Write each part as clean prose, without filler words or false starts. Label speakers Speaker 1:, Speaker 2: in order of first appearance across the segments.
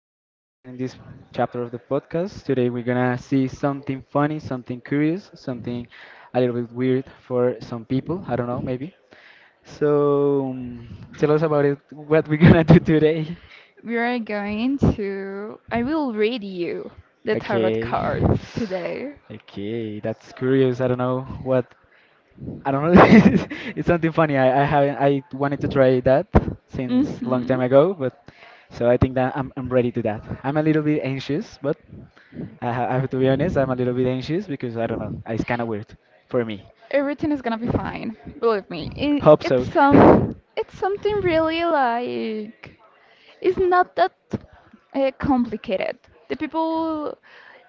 Speaker 1: listening this chapter of the podcast. Today we're gonna see something funny, something curious, something a little bit weird for some people. I don't know, maybe. So um, Tell us about it. What we're gonna do today?
Speaker 2: We are going to. I will read you the tarot
Speaker 1: Okay,
Speaker 2: cards today.
Speaker 1: okay, that's curious. I don't know. It's something funny. I haven't. I wanted to try that since long
Speaker 2: hmm
Speaker 1: time ago, but so I think that I'm ready to that. I'm a little bit anxious, but I have to be honest. I'm a little bit anxious because I don't know. It's kind of weird for me.
Speaker 2: Everything is gonna be fine. Believe me. It,
Speaker 1: Hope
Speaker 2: it's
Speaker 1: so.
Speaker 2: some. It's something really like. It's not that complicated. The people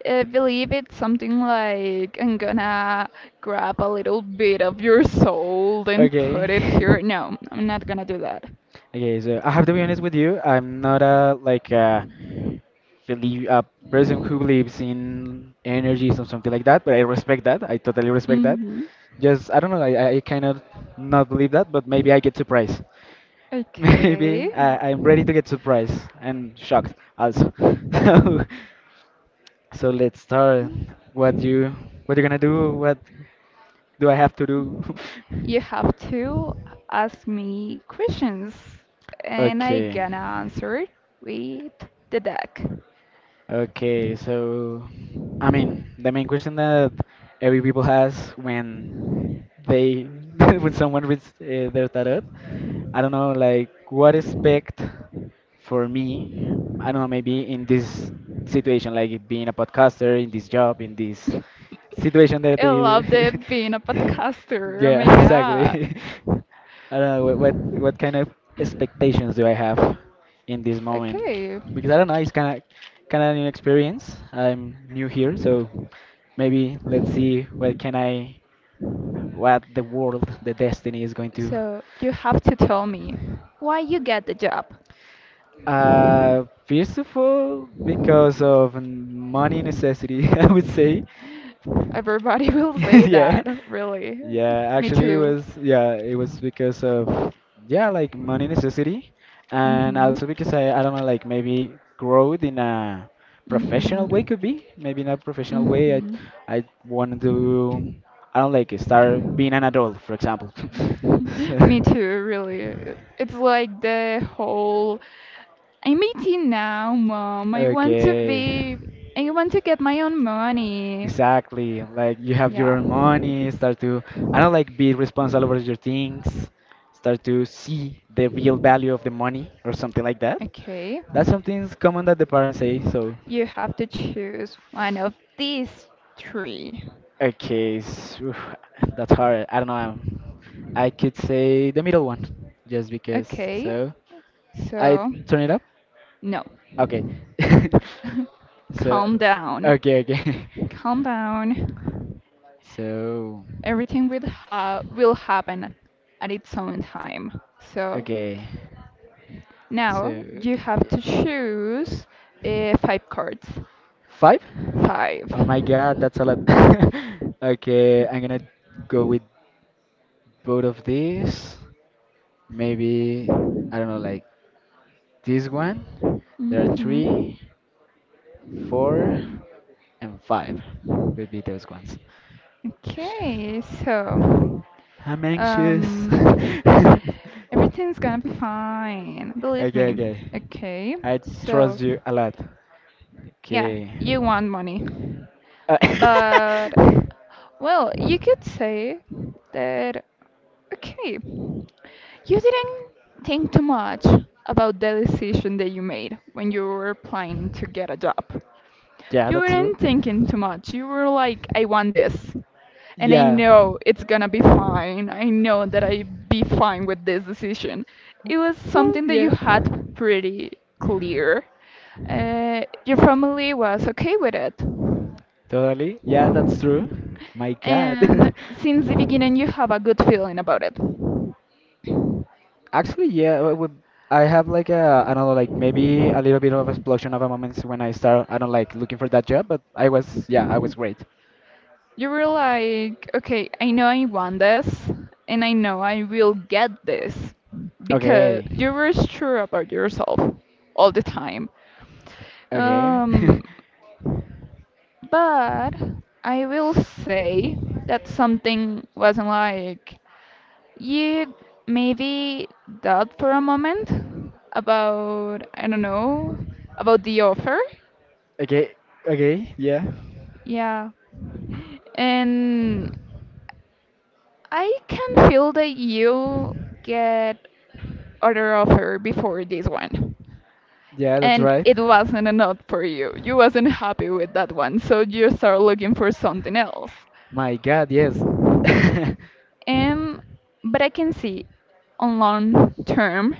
Speaker 2: believe it's something like I'm gonna grab a little bit of your soul and put
Speaker 1: Okay.
Speaker 2: it here. No, I'm not gonna do that.
Speaker 1: Okay. So I have to be honest with you. I'm not a person who believes in energies or something like that, but I respect that. I totally respect that.
Speaker 2: hmm
Speaker 1: Just I don't know. I cannot not believe that, but maybe I get surprised.
Speaker 2: Okay.
Speaker 1: I'm ready to get surprised and shocked also. So, so let's start. What you what you gonna do? What do I have to do?
Speaker 2: You have to ask me questions and I
Speaker 1: Okay.
Speaker 2: gonna answer with the deck.
Speaker 1: Okay, so I mean, the main question that every people has when they when someone reads their tarot, I don't know, like what expect for me? I don't know, maybe in this situation, like being a podcaster, in this job, in this situation that
Speaker 2: I
Speaker 1: they
Speaker 2: love the being a podcaster. Oh
Speaker 1: yeah,
Speaker 2: my
Speaker 1: exactly.
Speaker 2: god.
Speaker 1: I don't know what kind of expectations do I have in this moment
Speaker 2: Okay.
Speaker 1: because I don't know, it's kind of new experience. I'm new here, so maybe let's see what can I, what the world, the destiny is going to.
Speaker 2: So you have to tell me why you get the job.
Speaker 1: First of all because of money necessity, I would say.
Speaker 2: Everybody will say
Speaker 1: Yeah.
Speaker 2: that, really.
Speaker 1: Yeah,
Speaker 2: Me
Speaker 1: actually it
Speaker 2: too.
Speaker 1: was, yeah, it was because of yeah, like money necessity, and
Speaker 2: Mhm.
Speaker 1: also because I don't know, like maybe growth in a professional way
Speaker 2: Mhm.
Speaker 1: could be. Maybe in a professional way I
Speaker 2: Mhm.
Speaker 1: I wanted to, I don't like, start being an adult, for example. So,
Speaker 2: Me too, really. It's like the whole I'm 18 now, mom. I want to
Speaker 1: okay.
Speaker 2: be, I want to get my own money.
Speaker 1: Exactly. Like you have your
Speaker 2: Yeah,
Speaker 1: own money, start to, I don't like, be responsible over your things, start to see the real value of the money or something like that.
Speaker 2: okay.
Speaker 1: That's something common that the parents say, so
Speaker 2: You have to choose one of these three.
Speaker 1: okay, oof, that's hard. I don't know. I could say the middle one just because
Speaker 2: Okay,
Speaker 1: so I
Speaker 2: so
Speaker 1: turn it up.
Speaker 2: no,
Speaker 1: Okay. So
Speaker 2: calm down.
Speaker 1: okay, okay.
Speaker 2: Calm down.
Speaker 1: So
Speaker 2: Everything will happen at its own time. So
Speaker 1: okay.
Speaker 2: now
Speaker 1: So
Speaker 2: you have to choose five cards.
Speaker 1: five?
Speaker 2: Five.
Speaker 1: Oh my god, that's a lot. Okay, I'm gonna go with both of these. Maybe, I don't know, like this one. There are three,
Speaker 2: Mm-hmm.
Speaker 1: four, and five would be those ones. Sh-
Speaker 2: Okay, so.
Speaker 1: I'm anxious.
Speaker 2: Um, everything's gonna be fine, believe
Speaker 1: Okay,
Speaker 2: me.
Speaker 1: okay.
Speaker 2: Okay,
Speaker 1: I
Speaker 2: so
Speaker 1: trust you a lot.
Speaker 2: yeah,
Speaker 1: Okay.
Speaker 2: you want money.
Speaker 1: Uh,
Speaker 2: But, well, you could say that, okay, you didn't think too much about the decision that you made when you were applying to get a job.
Speaker 1: yeah,
Speaker 2: You
Speaker 1: that's true.
Speaker 2: weren't thinking too much. You were like, I want this. And I
Speaker 1: Yeah.
Speaker 2: know it's gonna be fine. I know that I be fine with this decision. It was
Speaker 1: Well,
Speaker 2: something that you
Speaker 1: yeah.
Speaker 2: had pretty clear. Your family was okay with it.
Speaker 1: Totally. Yeah, that's true. My God.
Speaker 2: And since the beginning, you have a good feeling about it.
Speaker 1: Actually, yeah, I would, I have like a, I don't know, like maybe a little bit of explosion of a moments when I start, I don't like, looking for that job, but I was, yeah, I was great.
Speaker 2: You were like, okay, I know I want this, and I know I will get this because
Speaker 1: Okay.
Speaker 2: you were sure about yourself all the time.
Speaker 1: Okay.
Speaker 2: Um, But I will say that something wasn't like you maybe doubt for a moment about I don't know about the offer.
Speaker 1: Okay. Okay. Yeah.
Speaker 2: Yeah. And I can feel that you get other offer before this one.
Speaker 1: Yeah, that's
Speaker 2: And
Speaker 1: right.
Speaker 2: it wasn't enough for you. You wasn't happy with that one, so you start looking for something else.
Speaker 1: My God, yes.
Speaker 2: Um, but I can see on long term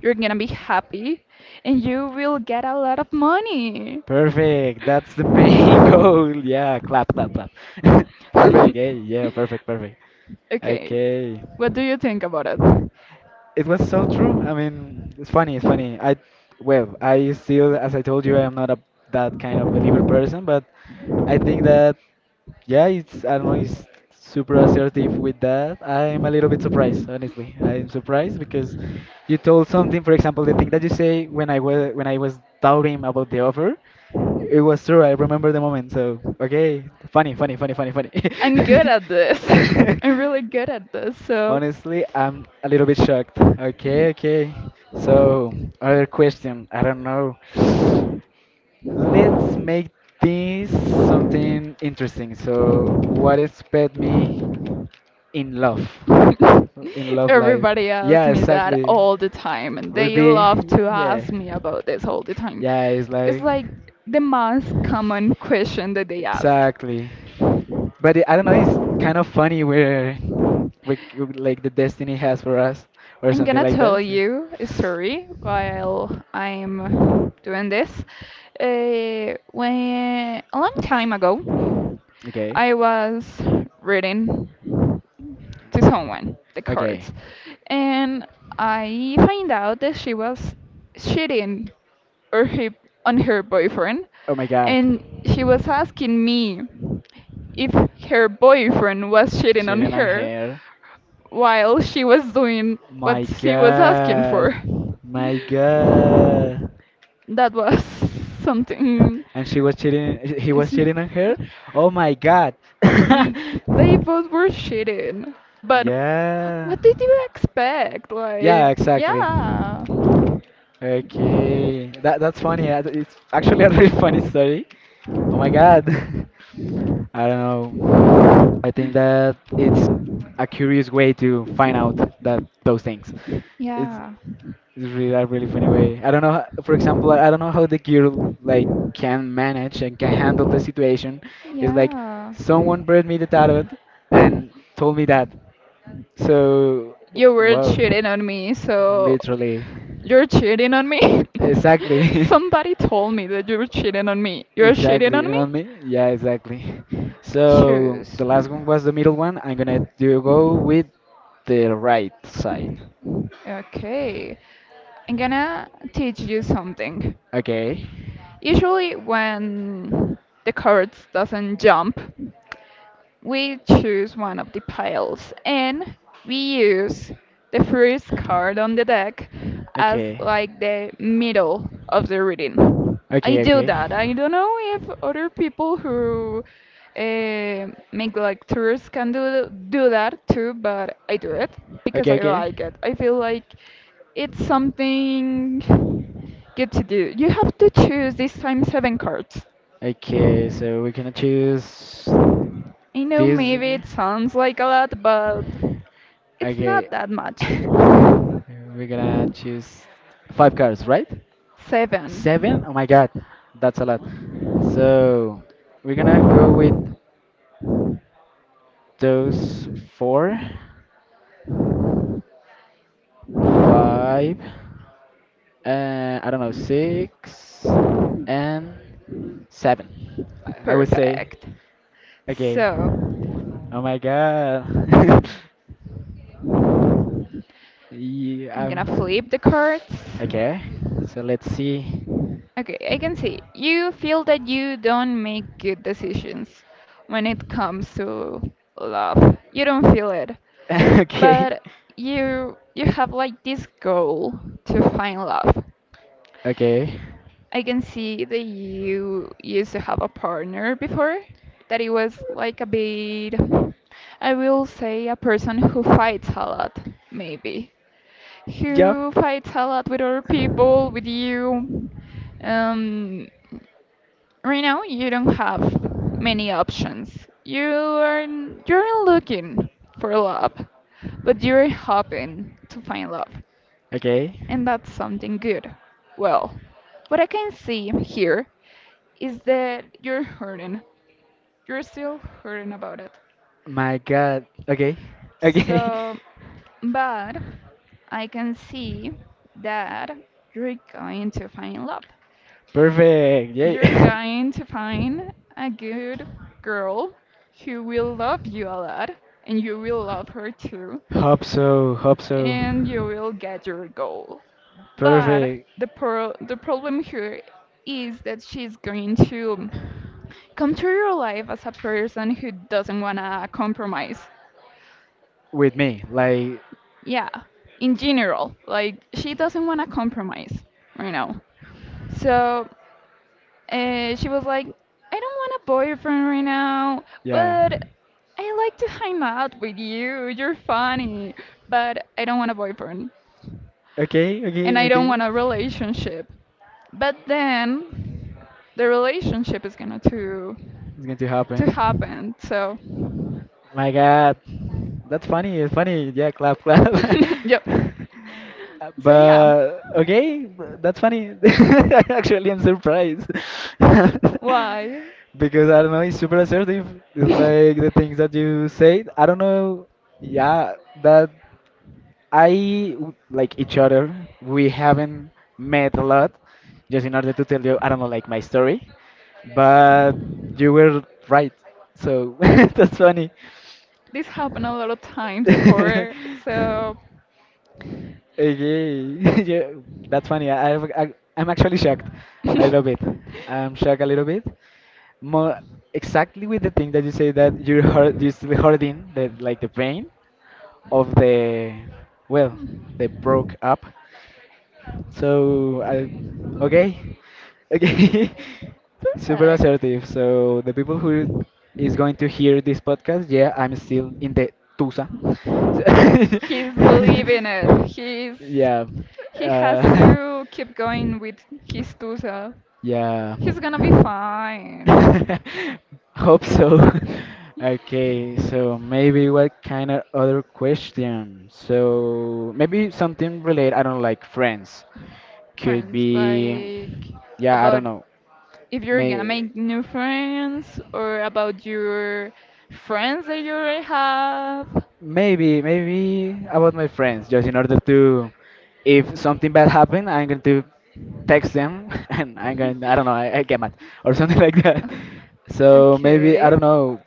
Speaker 2: you're gonna be happy and you will get a lot of money.
Speaker 1: Perfect. That's the main goal. Yeah, clap, clap, clap. Perfect. Hey, yeah, perfect, perfect.
Speaker 2: Okay,
Speaker 1: Okay.
Speaker 2: what do you think about it?
Speaker 1: It was so true. I mean, it's funny. It's funny. I, well, I still, as I told you, I am not a that kind of believer person, but I think that yeah, it's, I don't know, it's super assertive with that. I'm a little bit surprised, honestly. I'm surprised because you told something, for example, the thing that you say when I was doubting about the offer, it was true. I remember the moment. So okay, funny, funny, funny, funny, funny.
Speaker 2: I'm good at this. I'm really good at this, so
Speaker 1: Honestly, I'm a little bit shocked. Okay, okay. So, other question. I don't know. Let's make this something interesting. So, what is pet me in love? In love life.
Speaker 2: everybody asks
Speaker 1: Yeah,
Speaker 2: me that
Speaker 1: exactly.
Speaker 2: all the time and
Speaker 1: Would
Speaker 2: they
Speaker 1: be,
Speaker 2: love to
Speaker 1: yeah.
Speaker 2: ask me about this all the time.
Speaker 1: Yeah, it's
Speaker 2: It's
Speaker 1: like,
Speaker 2: like the most common question that they ask.
Speaker 1: exactly. But it, I don't know. It's kind of funny where, we, like the destiny has for us or
Speaker 2: I'm
Speaker 1: something
Speaker 2: gonna
Speaker 1: like
Speaker 2: tell
Speaker 1: that. So.
Speaker 2: you a story while I'm doing this. When a long time ago,
Speaker 1: Okay.
Speaker 2: I was reading to someone the
Speaker 1: Okay.
Speaker 2: cards, and I find out that she was cheating or he, on her boyfriend,
Speaker 1: Oh my God.
Speaker 2: and she was asking me if her boyfriend was cheating on
Speaker 1: Chilling on
Speaker 2: her
Speaker 1: hair.
Speaker 2: while she was doing what
Speaker 1: My
Speaker 2: she was asking
Speaker 1: God.
Speaker 2: for.
Speaker 1: My God.
Speaker 2: That was something.
Speaker 1: And she was cheating. He was cheating on her. Oh my God.
Speaker 2: Mm, they both were cheating, but
Speaker 1: Yeah.
Speaker 2: what did you expect?
Speaker 1: Yeah,
Speaker 2: Like,
Speaker 1: exactly. Okay, that's funny. It's actually a really funny story. Oh my God. I don't know. I think that it's a curious way to find out that those things. It's
Speaker 2: yeah,
Speaker 1: it's really a really funny way. I don't know. For example, I don't know how the girl like can manage and can handle the situation. It's like
Speaker 2: yeah.
Speaker 1: someone brought me the tarot and told me that. So,
Speaker 2: You were
Speaker 1: wow.
Speaker 2: cheating on me, so
Speaker 1: Literally.
Speaker 2: you're cheating on me?
Speaker 1: Exactly.
Speaker 2: Somebody told me that you were cheating on me. You're cheating
Speaker 1: Exactly.
Speaker 2: on
Speaker 1: You
Speaker 2: me?
Speaker 1: know me? Yeah, exactly. So the
Speaker 2: Choose.
Speaker 1: last one was the middle one. I'm gonna do go with the right side.
Speaker 2: Okay. I'm gonna teach you something.
Speaker 1: Okay.
Speaker 2: Usually when the cards doesn't jump, we choose one of the piles and we use the first card on the deck as
Speaker 1: Okay.
Speaker 2: like the middle of the reading. I
Speaker 1: Okay,
Speaker 2: do
Speaker 1: okay.
Speaker 2: that. I don't know if other people who make like tours can do that too, but I do it because
Speaker 1: Okay,
Speaker 2: I
Speaker 1: okay.
Speaker 2: like it. I feel like it's something good to do. You have to choose this time seven cards.
Speaker 1: Okay, so we're gonna choose
Speaker 2: I know
Speaker 1: this.
Speaker 2: maybe it sounds like a lot, but it's
Speaker 1: Okay.
Speaker 2: not that much.
Speaker 1: We're gonna choose five cards, right?
Speaker 2: Seven.
Speaker 1: Seven? Oh my god, that's a lot. So we're gonna go with those four, five, I don't know, six, and seven. I would say
Speaker 2: Perfect.
Speaker 1: Okay.
Speaker 2: So,
Speaker 1: Oh my god.
Speaker 2: I'm
Speaker 1: Yeah,
Speaker 2: gonna
Speaker 1: I'm...
Speaker 2: flip the cards.
Speaker 1: Okay. So let's see.
Speaker 2: Okay, I can see. You feel that you don't make good decisions when it comes to love. You don't feel it.
Speaker 1: Okay.
Speaker 2: But you have like this goal to find love.
Speaker 1: Okay.
Speaker 2: I can see that you used to have a partner before, that it was like a bit, I will say, a person who fights a lot, maybe.
Speaker 1: Yup.
Speaker 2: Who fights a lot with other people, with you. Um, right now, you don't have many options. You are n- you're looking for love, but you're hoping to find love,
Speaker 1: Okay.
Speaker 2: and that's something good. Well, what I can see here is that you're hurting. You're still hurting about it.
Speaker 1: My god. Okay. Okay.
Speaker 2: So, but I can see that you're going to find love.
Speaker 1: Perfect. Yay.
Speaker 2: You're going to find a good girl who will love you a lot, and you will love her too,
Speaker 1: Hope so. Hope so.
Speaker 2: and you will get your goal. But
Speaker 1: Perfect.
Speaker 2: the problem here is that she's going to come to your life as a person who doesn't want to compromise.
Speaker 1: With me. Like,
Speaker 2: Yeah, in general, like she doesn't want to compromise right now. So she was like, I don't want a boyfriend right now,
Speaker 1: yeah.
Speaker 2: but I like to hang out with you. You're funny, but I don't want a boyfriend
Speaker 1: Okay.
Speaker 2: and
Speaker 1: Okay.
Speaker 2: I don't
Speaker 1: Okay.
Speaker 2: want a relationship. But then the relationship is gonna to
Speaker 1: It's going to
Speaker 2: to
Speaker 1: happen.
Speaker 2: happen. So,
Speaker 1: Oh my God, that's funny. It's funny. Yeah, clap, clap.
Speaker 2: yep. So yeah.
Speaker 1: But okay, that's funny. Actually, I'm surprised
Speaker 2: Why?
Speaker 1: because I don't know. It's super assertive. It's like the things that you say. I don't know. Yeah, that. Like each other. We haven't met a lot, just in order to tell you, I don't know, like my story. But you were right, so that's funny.
Speaker 2: This happened a lot of times before, so
Speaker 1: Okay. Yeah, that's funny. I'm actually shocked a
Speaker 2: perfect.
Speaker 1: little bit. I'm shocked a little bit. More exactly with the thing that you say that you're hurt, you're still hurting the like the pain of the, well, they broke up. So I okay, okay, super assertive. So the people who is going to hear this podcast, yeah, I'm still in the Tusa.
Speaker 2: He's leaving it. He's
Speaker 1: Yeah,
Speaker 2: he has
Speaker 1: uh,
Speaker 2: to keep going with his tusa.
Speaker 1: yeah.
Speaker 2: He's gonna be fine.
Speaker 1: Hope so. Okay, so maybe what kind of other question? So maybe something related, I don't know, like friends could
Speaker 2: Friends,
Speaker 1: be
Speaker 2: like
Speaker 1: yeah, I don't
Speaker 2: about
Speaker 1: know,
Speaker 2: if you're gonna
Speaker 1: may,
Speaker 2: make new friends or about your friends that you already have.
Speaker 1: maybe about my friends just in order to, if something bad happened, I'm going to text them and I'm going to, I don't know, I get mad or something like that. So maybe I
Speaker 2: Okay.
Speaker 1: don't know,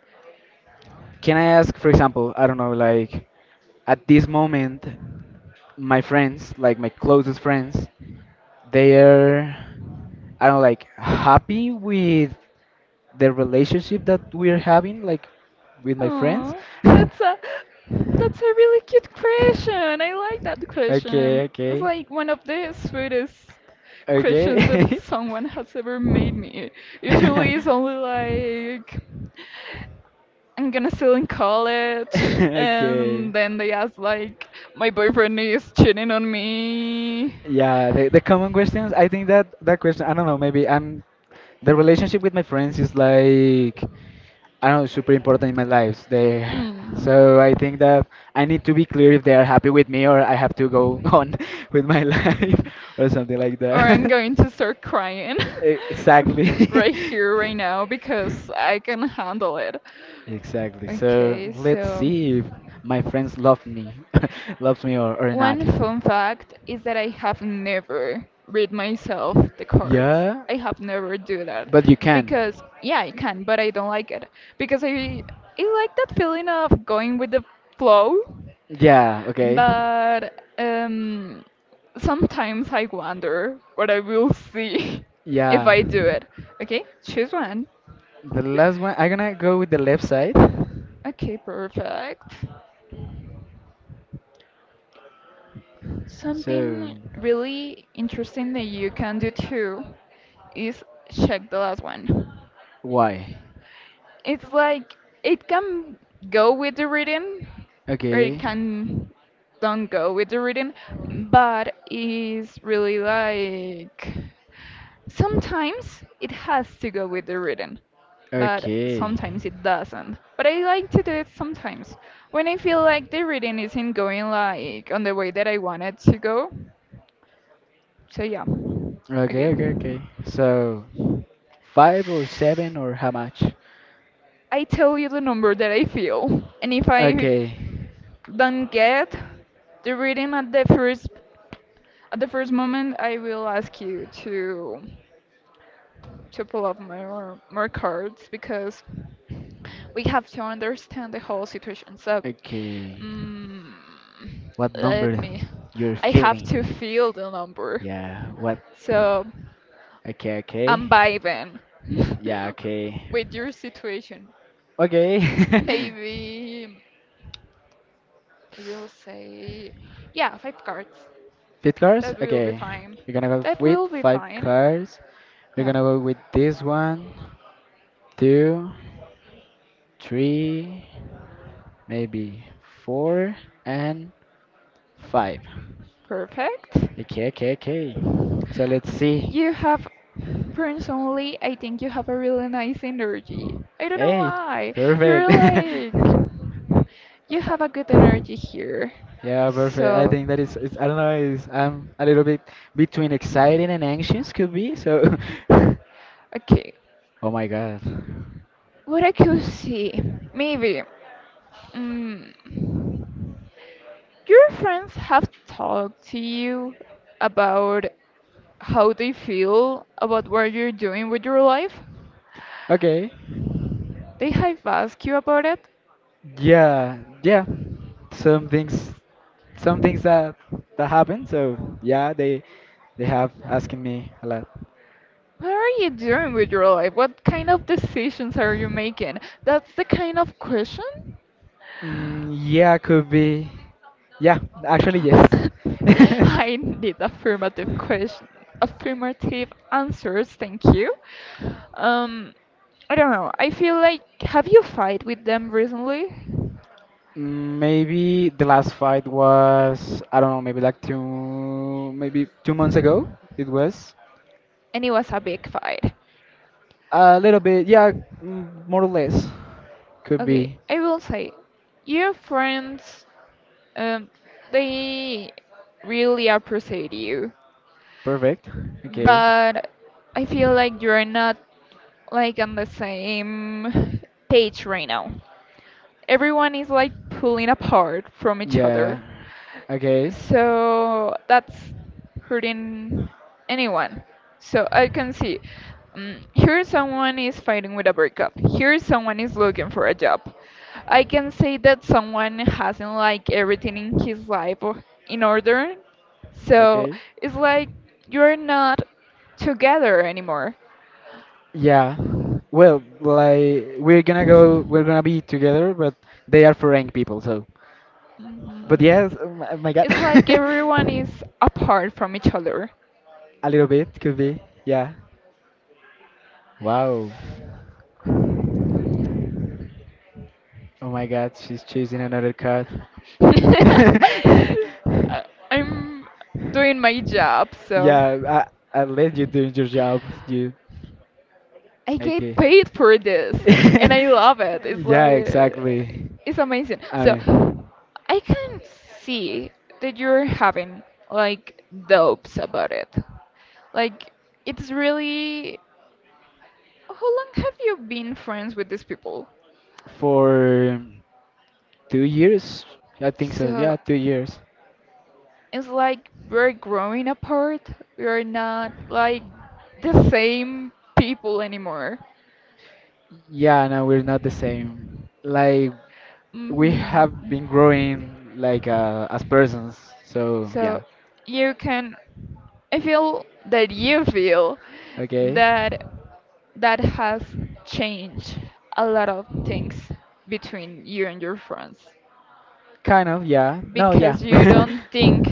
Speaker 1: can I ask, for example, I don't know, like at this moment my friends, like my closest friends, they are, I don't know, like happy with the relationship that we're having, like with my friends.
Speaker 2: Oh, that's a that's a really cute question. I like that
Speaker 1: Okay,
Speaker 2: question.
Speaker 1: okay,
Speaker 2: It's like one of the sweetest questions that
Speaker 1: okay.
Speaker 2: someone has ever made me. Usually it's only like I'm gonna still in college and
Speaker 1: Okay,
Speaker 2: then they ask like my boyfriend is cheating on me.
Speaker 1: yeah, the common questions. I think that that question, I don't know, maybe I'm, the relationship with my friends is like, I don't know, super important in my life. They,
Speaker 2: Mm.
Speaker 1: so I think that I need to be clear if they are happy with me or I have to go on with my life or something like
Speaker 2: Or I'm
Speaker 1: that.
Speaker 2: going to start crying
Speaker 1: Exactly.
Speaker 2: right here, right now because I can handle it.
Speaker 1: Exactly. So
Speaker 2: Okay,
Speaker 1: let's
Speaker 2: so
Speaker 1: see if my friends love me, loves me or not.
Speaker 2: one fun fact is that I have never read myself the cards.
Speaker 1: Yeah,
Speaker 2: I have never do that
Speaker 1: but you can.
Speaker 2: because yeah, I can, but I don't like it because I like that feeling of going with the flow,
Speaker 1: Yeah, okay.
Speaker 2: but sometimes I wonder what I will see if
Speaker 1: Yeah.
Speaker 2: I do it. Okay, choose one.
Speaker 1: The last one, I'm gonna go with the left side.
Speaker 2: Okay, perfect.
Speaker 1: So.
Speaker 2: Something really interesting that you can do too is check the last one.
Speaker 1: Why?
Speaker 2: It's like it can go with the reading or it
Speaker 1: Okay.
Speaker 2: can don't go with the reading, but it's really like sometimes it has to go with the reading, but
Speaker 1: Okay.
Speaker 2: sometimes it doesn't. But I like to do it sometimes when I feel like the reading isn't going like on the way that I want it to go. So yeah.
Speaker 1: Okay,
Speaker 2: Okay.
Speaker 1: okay, okay. So, five or seven or how much?
Speaker 2: I tell you the number that I feel, and if I
Speaker 1: Okay.
Speaker 2: don't get the reading at the first moment, I will ask you to pull up more cards because we have to understand the whole situation. So,
Speaker 1: Okay.
Speaker 2: mm
Speaker 1: What
Speaker 2: let
Speaker 1: number
Speaker 2: me.
Speaker 1: you're
Speaker 2: I have to
Speaker 1: feeling?
Speaker 2: feel the number.
Speaker 1: Yeah, what?
Speaker 2: So
Speaker 1: Okay,
Speaker 2: I'm
Speaker 1: okay.
Speaker 2: vibing
Speaker 1: Yeah, okay.
Speaker 2: with your situation.
Speaker 1: Okay.
Speaker 2: Maybe we'll say, yeah, five cards.
Speaker 1: Fifth cars?
Speaker 2: That will be
Speaker 1: Okay.
Speaker 2: fine.
Speaker 1: We're gonna go
Speaker 2: That
Speaker 1: with
Speaker 2: will be
Speaker 1: five
Speaker 2: fine.
Speaker 1: cars. We're
Speaker 2: Yeah,
Speaker 1: gonna go with this one, two, three, maybe four, and five.
Speaker 2: perfect.
Speaker 1: Okay, okay, okay. So let's see.
Speaker 2: You have, personally, I think you have a really nice energy. I don't know
Speaker 1: Hey,
Speaker 2: why.
Speaker 1: perfect.
Speaker 2: You're like, you have a good energy here.
Speaker 1: Yeah, perfect. I
Speaker 2: So,
Speaker 1: think that is, I don't know, is, I'm a little bit between excited and anxious could be. So, oh
Speaker 2: okay.
Speaker 1: my God.
Speaker 2: What I could see, maybe. Mm, Your friends have talked to you about how they feel about what you're doing with your life?
Speaker 1: Okay.
Speaker 2: They have asked you about it?
Speaker 1: Yeah, yeah. Some things, some things that that happen. So yeah, they have asking me a lot.
Speaker 2: What are you doing with your life? What kind of decisions are you making? That's the kind of question?
Speaker 1: Mm, yeah, could be. Yeah, actually yes.
Speaker 2: I need affirmative question, affirmative answers. Thank you. Um, I don't know. I feel like have you fight with them recently?
Speaker 1: Mm, maybe the last fight was, I don't know, maybe like two, maybe two months ago it was.
Speaker 2: And it was a big fight.
Speaker 1: A little bit, yeah, mm, more or less. Could
Speaker 2: Okay,
Speaker 1: be
Speaker 2: I will say, your friends, um, they really appreciate you,
Speaker 1: perfect. Okay.
Speaker 2: but I feel like you're not like on the same page right now. Everyone is like pulling apart from each
Speaker 1: Yeah.
Speaker 2: other.
Speaker 1: Okay.
Speaker 2: So that's hurting anyone. So I can see here someone is fighting with a breakup. Here someone is looking for a job. I can say that someone hasn't like everything in his life or in order. So
Speaker 1: Okay.
Speaker 2: it's like you're not together anymore.
Speaker 1: Yeah. Well, like we're gonna go, we're gonna be together, but they are foreign people, so. But yes, oh my, oh my God,
Speaker 2: It's like everyone is apart from each other.
Speaker 1: a little bit could be. Yeah. Wow. Oh my god, she's choosing another card.
Speaker 2: I'm doing my job, so
Speaker 1: Yeah, I let you do your job, you.
Speaker 2: I get
Speaker 1: Okay.
Speaker 2: paid for this, and I love it. It's
Speaker 1: Yeah,
Speaker 2: like
Speaker 1: exactly.
Speaker 2: it's amazing.
Speaker 1: I
Speaker 2: So
Speaker 1: mean,
Speaker 2: I can see that you're having like doubts about it. Like it's really how long have you been friends with these people?
Speaker 1: for 2 years, I think so. Yeah,
Speaker 2: So
Speaker 1: 2 years.
Speaker 2: it's like we're growing apart. We're not like the same people anymore.
Speaker 1: Yeah, no, we're not the same. Like we
Speaker 2: hmm
Speaker 1: have been growing like as persons. So
Speaker 2: So
Speaker 1: yeah,
Speaker 2: you can, I feel that you feel
Speaker 1: okay,
Speaker 2: that that has changed a lot of things between you and your friends
Speaker 1: kind of yeah. No, yeah.
Speaker 2: because you don't think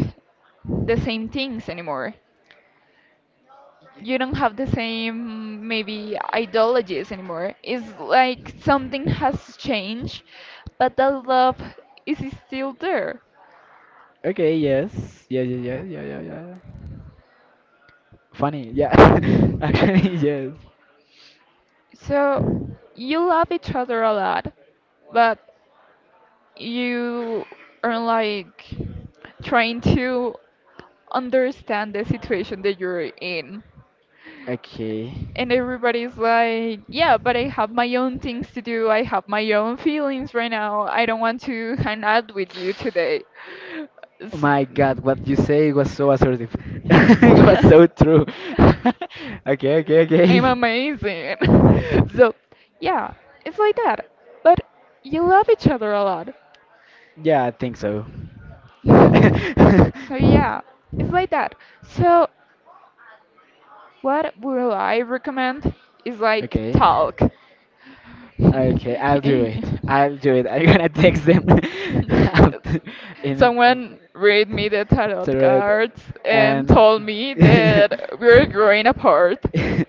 Speaker 2: the same things anymore. You don't have the same maybe ideologies anymore. It's like something has changed, but that love is still there.
Speaker 1: Okay, yes, yeah, yeah, yeah, yeah, yeah, yeah. Funny, yeah. Actually, yes.
Speaker 2: So you love each other a lot, but you are like trying to understand the situation that you're in.
Speaker 1: Okay.
Speaker 2: And everybody's like, yeah, but I have my own things to do. I have my own feelings right now. I don't want to hang out with you today.
Speaker 1: Oh
Speaker 2: S-
Speaker 1: my God, what you say was so assertive. It was so true. okay,
Speaker 2: I'm
Speaker 1: okay,
Speaker 2: amazing.
Speaker 1: okay.
Speaker 2: So, yeah, it's like that. But you love each other a lot.
Speaker 1: Yeah, I think so. Yeah.
Speaker 2: So yeah, it's like that. So what would I recommend is like
Speaker 1: Okay.
Speaker 2: talk.
Speaker 1: Okay, I'll do it. I'll do it. I'm gonna text them after in
Speaker 2: Someone read me the tarot
Speaker 1: thread
Speaker 2: cards and
Speaker 1: and
Speaker 2: told me that we're growing apart.
Speaker 1: I,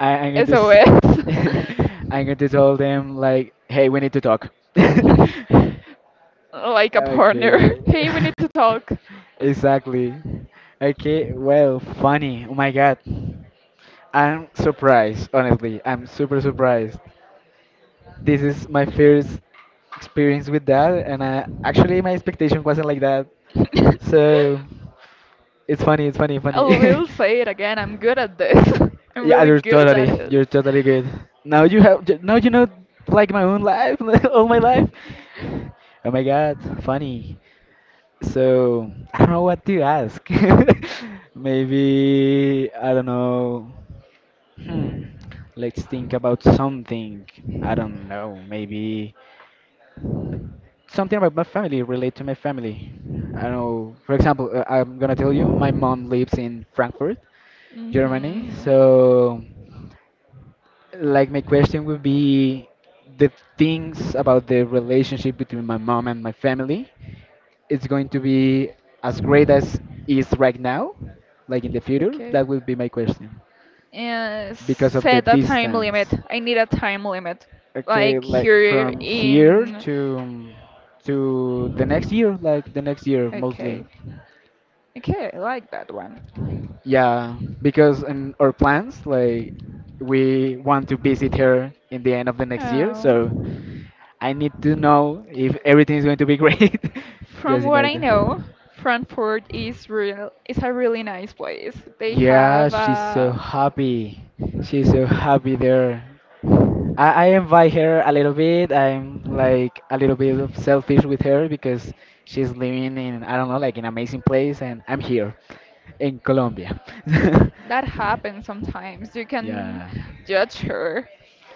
Speaker 1: I'm going to
Speaker 2: SOS.
Speaker 1: I'm going to tell them like, hey, we need to talk.
Speaker 2: Like a partner.
Speaker 1: Okay.
Speaker 2: Hey, we need to talk.
Speaker 1: Exactly. Okay, well, funny. Oh my God. I'm surprised, honestly. I'm super surprised. This is my first experience with that, and actually, my expectation wasn't like that.
Speaker 2: I
Speaker 1: So, funny.
Speaker 2: will say it again. I'm good at this. I'm
Speaker 1: Yeah,
Speaker 2: really good at it.
Speaker 1: you're totally good. Now you have, now you know, like my own life, like, all my life. Oh my God, funny. So I don't know what to ask. Maybe I don't know. Hmm. Let's think about something. I don't know. Maybe something about my family, relate to my family. I don't know. For example, I'm gonna tell you, my mom lives in Frankfurt, Germany.
Speaker 2: Mm-hmm.
Speaker 1: So. Like my question would be the things about the relationship between my mom and my family. It's going to be as great as is right now, like in the future.
Speaker 2: Okay.
Speaker 1: That would be my question
Speaker 2: And
Speaker 1: because of the
Speaker 2: set a time limit.
Speaker 1: distance.
Speaker 2: I need a time limit.
Speaker 1: Okay,
Speaker 2: Like
Speaker 1: like
Speaker 2: here
Speaker 1: from here
Speaker 2: in.
Speaker 1: to the next year, like the next year mostly.
Speaker 2: Okay. Okay, I like that one.
Speaker 1: Yeah, because in our plans, like we want to visit her in the end of the next year, so
Speaker 2: Oh.
Speaker 1: I need to know if everything is going to be great,
Speaker 2: From
Speaker 1: just in
Speaker 2: what I
Speaker 1: order.
Speaker 2: know, Frankfurt is a really nice place. They
Speaker 1: Yeah,
Speaker 2: have
Speaker 1: she's so happy. She's so happy there. I invite her a little bit. I'm like a little bit of selfish with her because she's living in I don't know like an amazing place and I'm here in Colombia.
Speaker 2: that happens sometimes. You can
Speaker 1: Yeah.
Speaker 2: judge her.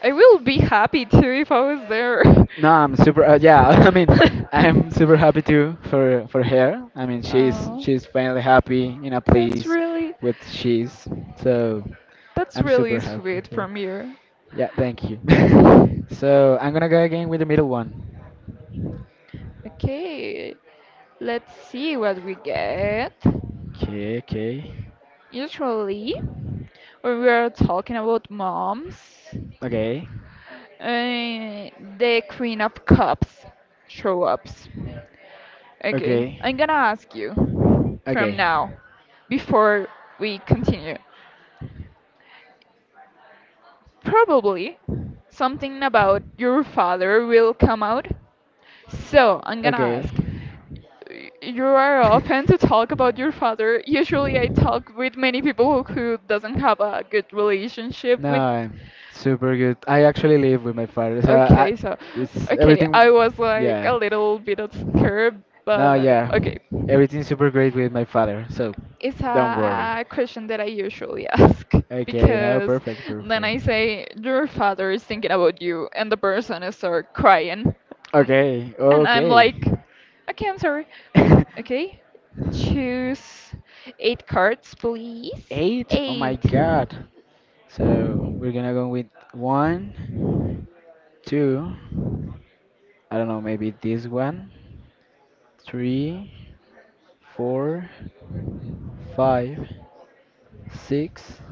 Speaker 2: I will be happy too if I was there.
Speaker 1: No, I'm super. Yeah, I mean, I'm super happy too for her. I mean,
Speaker 2: Oh,
Speaker 1: she's finally happy in a
Speaker 2: that's
Speaker 1: place
Speaker 2: really—
Speaker 1: with she's. So
Speaker 2: that's
Speaker 1: I'm
Speaker 2: really
Speaker 1: super happy for
Speaker 2: sweet
Speaker 1: her.
Speaker 2: from you.
Speaker 1: Yeah, thank you. So I'm gonna go again with the middle one.
Speaker 2: Okay, let's see what we get.
Speaker 1: Okay, okay,
Speaker 2: Usually, when we are talking about moms,
Speaker 1: okay,
Speaker 2: uh, the Queen of Cups show up. Okay,
Speaker 1: okay,
Speaker 2: I'm gonna ask you from
Speaker 1: okay.
Speaker 2: now, before we continue. Probably something about your father will come out. So, I'm gonna
Speaker 1: Okay.
Speaker 2: ask, you are open to talk about your father. Usually, I talk with many people who doesn't have a good relationship with.
Speaker 1: No, super good. I actually live with my father, so I,
Speaker 2: Okay, so,
Speaker 1: it's
Speaker 2: okay,
Speaker 1: everything.
Speaker 2: I was like a
Speaker 1: Yeah.
Speaker 2: little bit of scared,
Speaker 1: No,
Speaker 2: but
Speaker 1: yeah,
Speaker 2: okay.
Speaker 1: everything's super great with my father, so
Speaker 2: It's
Speaker 1: don't worry.
Speaker 2: a question that I usually ask
Speaker 1: Okay, no,
Speaker 2: because then
Speaker 1: perfect.
Speaker 2: I say, your father is thinking about you, and the person is start crying. N-
Speaker 1: Okay,
Speaker 2: And I'm
Speaker 1: okay.
Speaker 2: like, okay, I'm sorry. Okay, choose eight cards, please.
Speaker 1: Eight? Oh my
Speaker 2: Eight.
Speaker 1: god. So we're gonna go with one, two. I don't know, maybe this one. Three, four, five, six,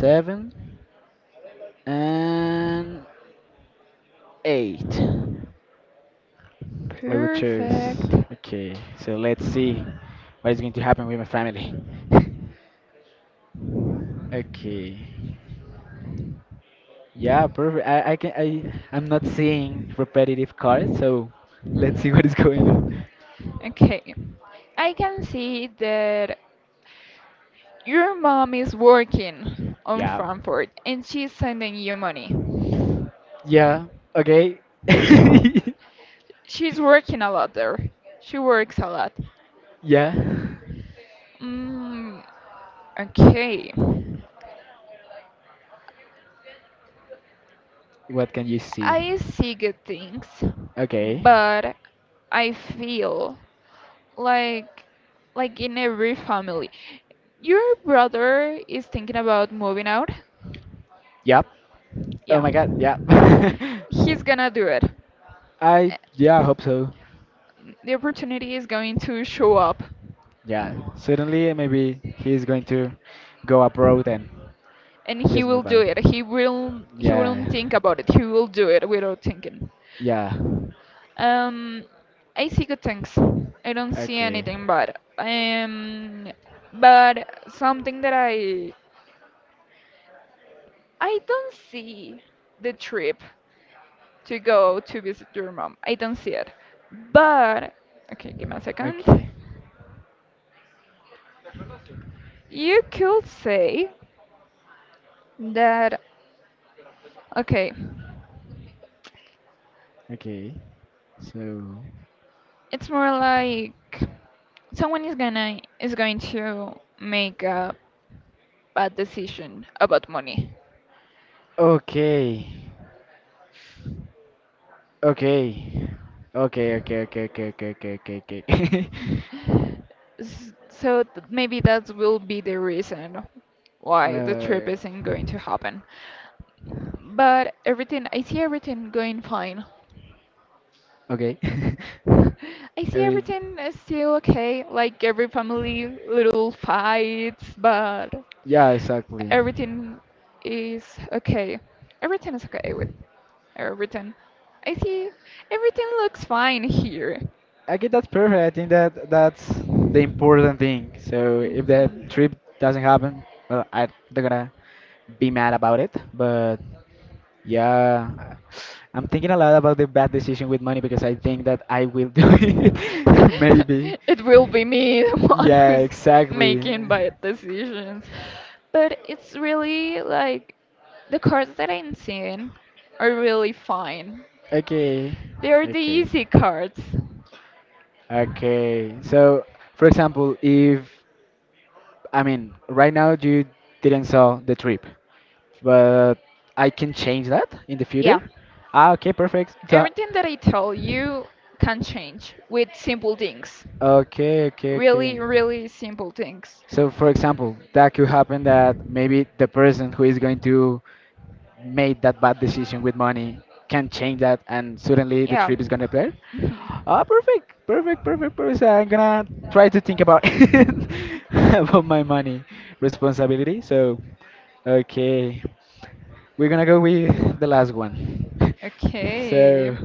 Speaker 1: seven, and eight. I will choose.
Speaker 2: Perfect.
Speaker 1: Okay, so let's see what is going to happen with my family. Okay. Yeah, perfect. I can I I'm not seeing repetitive cards, so let's see what is going on.
Speaker 2: Okay, I can see that your mom is working on
Speaker 1: Yeah.
Speaker 2: Frankfurt and she's sending you money.
Speaker 1: Yeah. Okay.
Speaker 2: She's working a lot there. She works a lot.
Speaker 1: Yeah.
Speaker 2: Mm, okay.
Speaker 1: What can you see?
Speaker 2: I see good things,
Speaker 1: Okay.
Speaker 2: but I feel like— like in every family. Your brother is thinking about moving out?
Speaker 1: Yep. Oh
Speaker 2: Yeah.
Speaker 1: my god, yep.
Speaker 2: He's gonna do it.
Speaker 1: I
Speaker 2: Eh,
Speaker 1: yeah, I hope so.
Speaker 2: The opportunity is going to show up
Speaker 1: Yeah. Certainly, maybe he's going to go abroad and
Speaker 2: and he
Speaker 1: just
Speaker 2: will
Speaker 1: move
Speaker 2: do
Speaker 1: out.
Speaker 2: it. He will
Speaker 1: Yeah.
Speaker 2: not think about it. He will do it without thinking.
Speaker 1: Yeah.
Speaker 2: Um, I see good things. I don't see
Speaker 1: Okay.
Speaker 2: anything bad. But something that I don't see— the trip to go to visit your mom. I don't see it. But okay, give me a
Speaker 1: Okay.
Speaker 2: second. You could say that okay,
Speaker 1: Okay. So
Speaker 2: it's more like someone is going to make a bad decision about money.
Speaker 1: Okay. Okay. Okay, okay, okay, okay, okay, okay, okay, okay.
Speaker 2: Maybe that will be the reason why the trip isn't going to happen. But everything, I see everything going fine.
Speaker 1: Okay.
Speaker 2: I see
Speaker 1: Every-
Speaker 2: everything is still okay, like every family little fights, but
Speaker 1: yeah, exactly.
Speaker 2: everything is okay. Everything is okay with everything. I see everything looks fine here.
Speaker 1: I get that's perfect. I think that that's the important thing. So if that
Speaker 2: Mhm.
Speaker 1: trip doesn't happen, well, I'm not gonna be mad about it. But yeah, I'm thinking a lot about the bad decision with money because I think that I will do it. Maybe.
Speaker 2: It will be me, the one
Speaker 1: Yeah,
Speaker 2: who's
Speaker 1: exactly.
Speaker 2: making bad decisions. But it's really like the cards that I'm seeing are really fine.
Speaker 1: Okay.
Speaker 2: They're the
Speaker 1: Okay.
Speaker 2: easy cards.
Speaker 1: Okay. So, for example, if I mean, right now you didn't saw the trip, but I can change that in the
Speaker 2: Yeah,
Speaker 1: future. Ah, okay, perfect. So,
Speaker 2: everything that I tell you can change with simple things.
Speaker 1: okay, okay,
Speaker 2: Really,
Speaker 1: okay.
Speaker 2: really simple things.
Speaker 1: So, for example, that could happen that maybe the person who is going to make that bad decision with money can change that, and suddenly the
Speaker 2: Yeah.
Speaker 1: trip is gonna appear.
Speaker 2: Mhm.
Speaker 1: Ah, perfect. So I'm gonna try to think about it, about my money responsibility. So, okay, we're gonna go with the last one.
Speaker 2: Okay.
Speaker 1: So.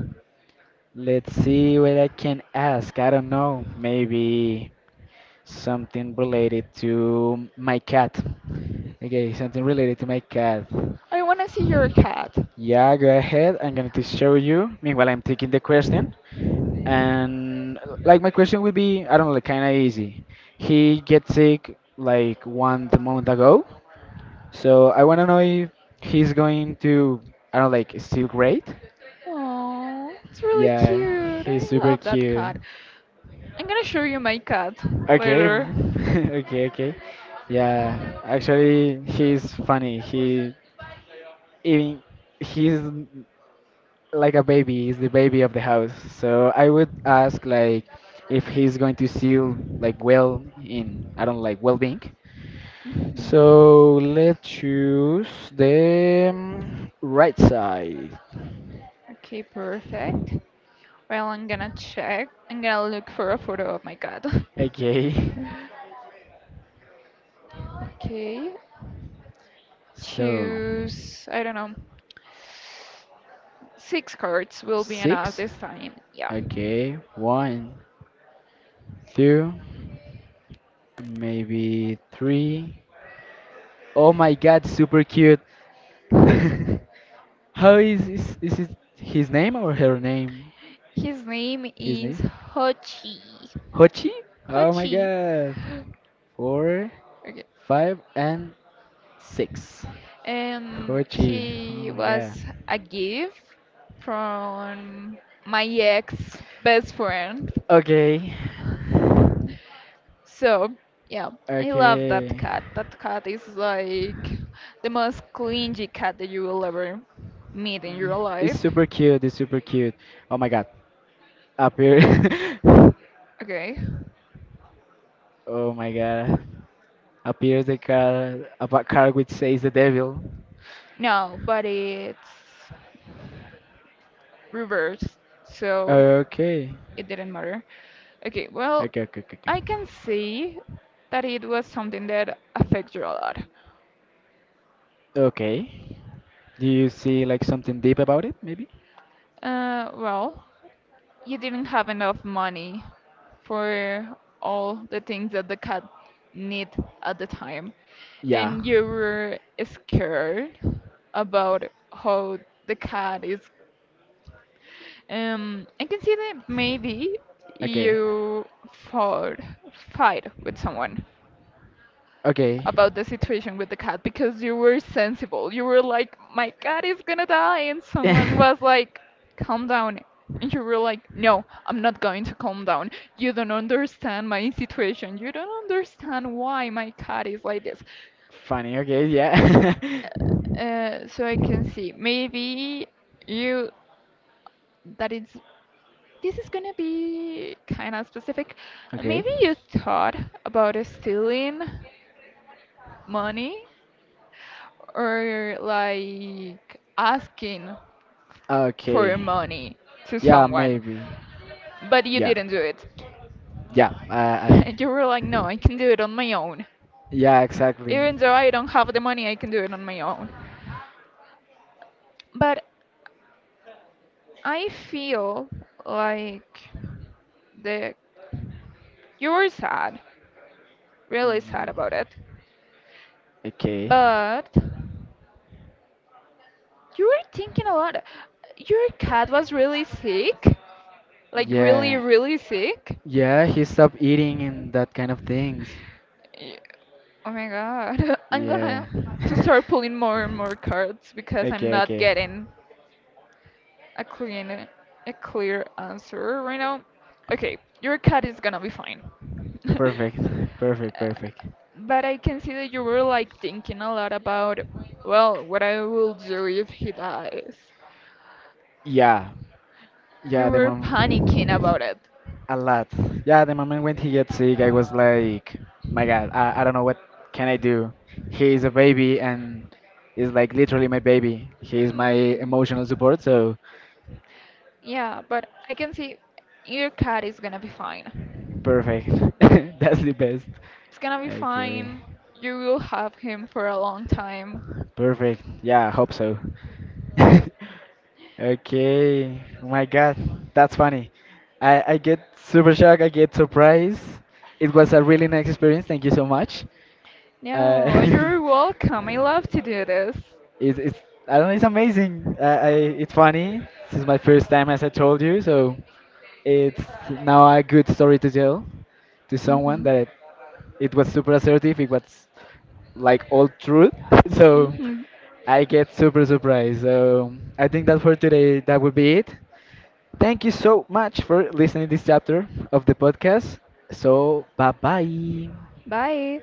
Speaker 1: Let's see what I can ask. I don't know. Maybe something related to my cat. Okay, something related to my cat.
Speaker 2: I want to see your cat.
Speaker 1: Yeah, go ahead. I'm going to show you. Meanwhile, I'm taking the question. And like my question would be, I don't know, like kind of easy. He gets sick like one month ago. So I want to know if he's going to, I don't know, like still great.
Speaker 2: Oh, it's really
Speaker 1: Yeah,
Speaker 2: cute.
Speaker 1: he's
Speaker 2: I
Speaker 1: super
Speaker 2: love that
Speaker 1: cute.
Speaker 2: cat. I'm gonna show you my cat
Speaker 1: Okay,
Speaker 2: later.
Speaker 1: okay. Yeah, actually, he's funny. Even he's like a baby. He's the baby of the house. So I would ask like if he's going to seal like well in I don't like well-being. So let's choose the right side.
Speaker 2: Okay, perfect. Well, I'm gonna check. I'm gonna look for a photo of my cat.
Speaker 1: Okay,
Speaker 2: Okay,
Speaker 1: so
Speaker 2: choose, I don't know, six cards will be enough
Speaker 1: six.
Speaker 2: this time. Yeah.
Speaker 1: Okay, one, two, maybe three. Oh my god, super cute. How is is it his name or her name?
Speaker 2: His name
Speaker 1: His
Speaker 2: is
Speaker 1: name?
Speaker 2: Hochi.
Speaker 1: Hochi? Oh my
Speaker 2: Hochi.
Speaker 1: god. Four,
Speaker 2: Okay.
Speaker 1: five, and six. Hochi. Oh
Speaker 2: He
Speaker 1: my god.
Speaker 2: was a gift from my ex best friend.
Speaker 1: Okay.
Speaker 2: So, yeah, I love that
Speaker 1: Okay.
Speaker 2: cat. That cat is like the most clingy cat that you will ever meet in your
Speaker 1: It's
Speaker 2: life.
Speaker 1: super cute. It's super cute. Oh my god. Appear.
Speaker 2: Okay.
Speaker 1: Oh my god. Appears the car. A car which says the devil.
Speaker 2: No, but it's reversed, so
Speaker 1: Okay.
Speaker 2: it didn't matter. Okay, well,
Speaker 1: Okay. Okay. Okay. Okay.
Speaker 2: I can see that it was something that affects you a lot.
Speaker 1: Okay. Do you see like something deep about it, maybe?
Speaker 2: Well, you didn't have enough money for all the things that the cat need at the time
Speaker 1: Yeah.
Speaker 2: and you were scared about how the cat is. I can see that maybe
Speaker 1: Okay.
Speaker 2: you fought fight with someone
Speaker 1: Okay.
Speaker 2: about the situation with the cat because you were sensible. You were like, my cat is gonna die, and someone was like, calm down. And you were like, no, I'm not going to calm down. You don't understand my situation. You don't understand why my cat is like this.
Speaker 1: Funny, okay, yeah.
Speaker 2: So I can see maybe you that is this is gonna be kind of specific. Maybe
Speaker 1: Okay.
Speaker 2: you thought about stealing money or like asking for
Speaker 1: Okay.
Speaker 2: money to
Speaker 1: Yeah,
Speaker 2: someone,
Speaker 1: maybe.
Speaker 2: but you
Speaker 1: Yeah,
Speaker 2: didn't do it.
Speaker 1: yeah, I
Speaker 2: You were like, no, I can do it on my own.
Speaker 1: yeah,
Speaker 2: Even
Speaker 1: exactly.
Speaker 2: though I don't have the money, I can do it on my own. But I feel like the you were sad, really sad
Speaker 1: Mm,
Speaker 2: about it,
Speaker 1: okay.
Speaker 2: but you were thinking a lot. Your cat was really sick, like really,
Speaker 1: Yeah,
Speaker 2: really sick.
Speaker 1: yeah, he stopped eating and that kind of things.
Speaker 2: Y- Oh my god. I'm
Speaker 1: Yeah.
Speaker 2: gonna to start pulling more and more cards because I'm
Speaker 1: Okay,
Speaker 2: not
Speaker 1: okay.
Speaker 2: getting a clean— a clear answer right now. Okay, your cat is gonna be fine.
Speaker 1: Perfect,
Speaker 2: Uh,
Speaker 1: perfect.
Speaker 2: but I can see that you were like thinking a lot about, well, what I will do if he dies.
Speaker 1: Yeah,
Speaker 2: You
Speaker 1: yeah, the
Speaker 2: were
Speaker 1: mom.
Speaker 2: panicking about it.
Speaker 1: A lot. Yeah, the moment when he gets sick, I was like, my God, I don't know what can I do. He is a baby and is like literally my baby. He is my
Speaker 2: Mm,
Speaker 1: emotional support, so
Speaker 2: yeah, but I can see your cat is gonna be fine.
Speaker 1: perfect. That's the best.
Speaker 2: It's gonna be
Speaker 1: Okay.
Speaker 2: fine. You will have him for a long time.
Speaker 1: Perfect. Yeah, I hope so. Okay. Oh my God, that's funny. I get super shocked, I get surprised. It was a really nice experience. Thank you so much.
Speaker 2: No,
Speaker 1: Uh,
Speaker 2: you're welcome. I love to do this.
Speaker 1: it's I don't know. It's amazing. I it's funny. This is my first time, as I told you. So it's now a good story to tell to someone
Speaker 2: Hmm.
Speaker 1: that it was super assertive. It was like all truth. So
Speaker 2: Hmm.
Speaker 1: I get super surprised. So I think that for today that would be it. Thank you so much for listening to this chapter of the podcast. So bye bye.
Speaker 2: Bye.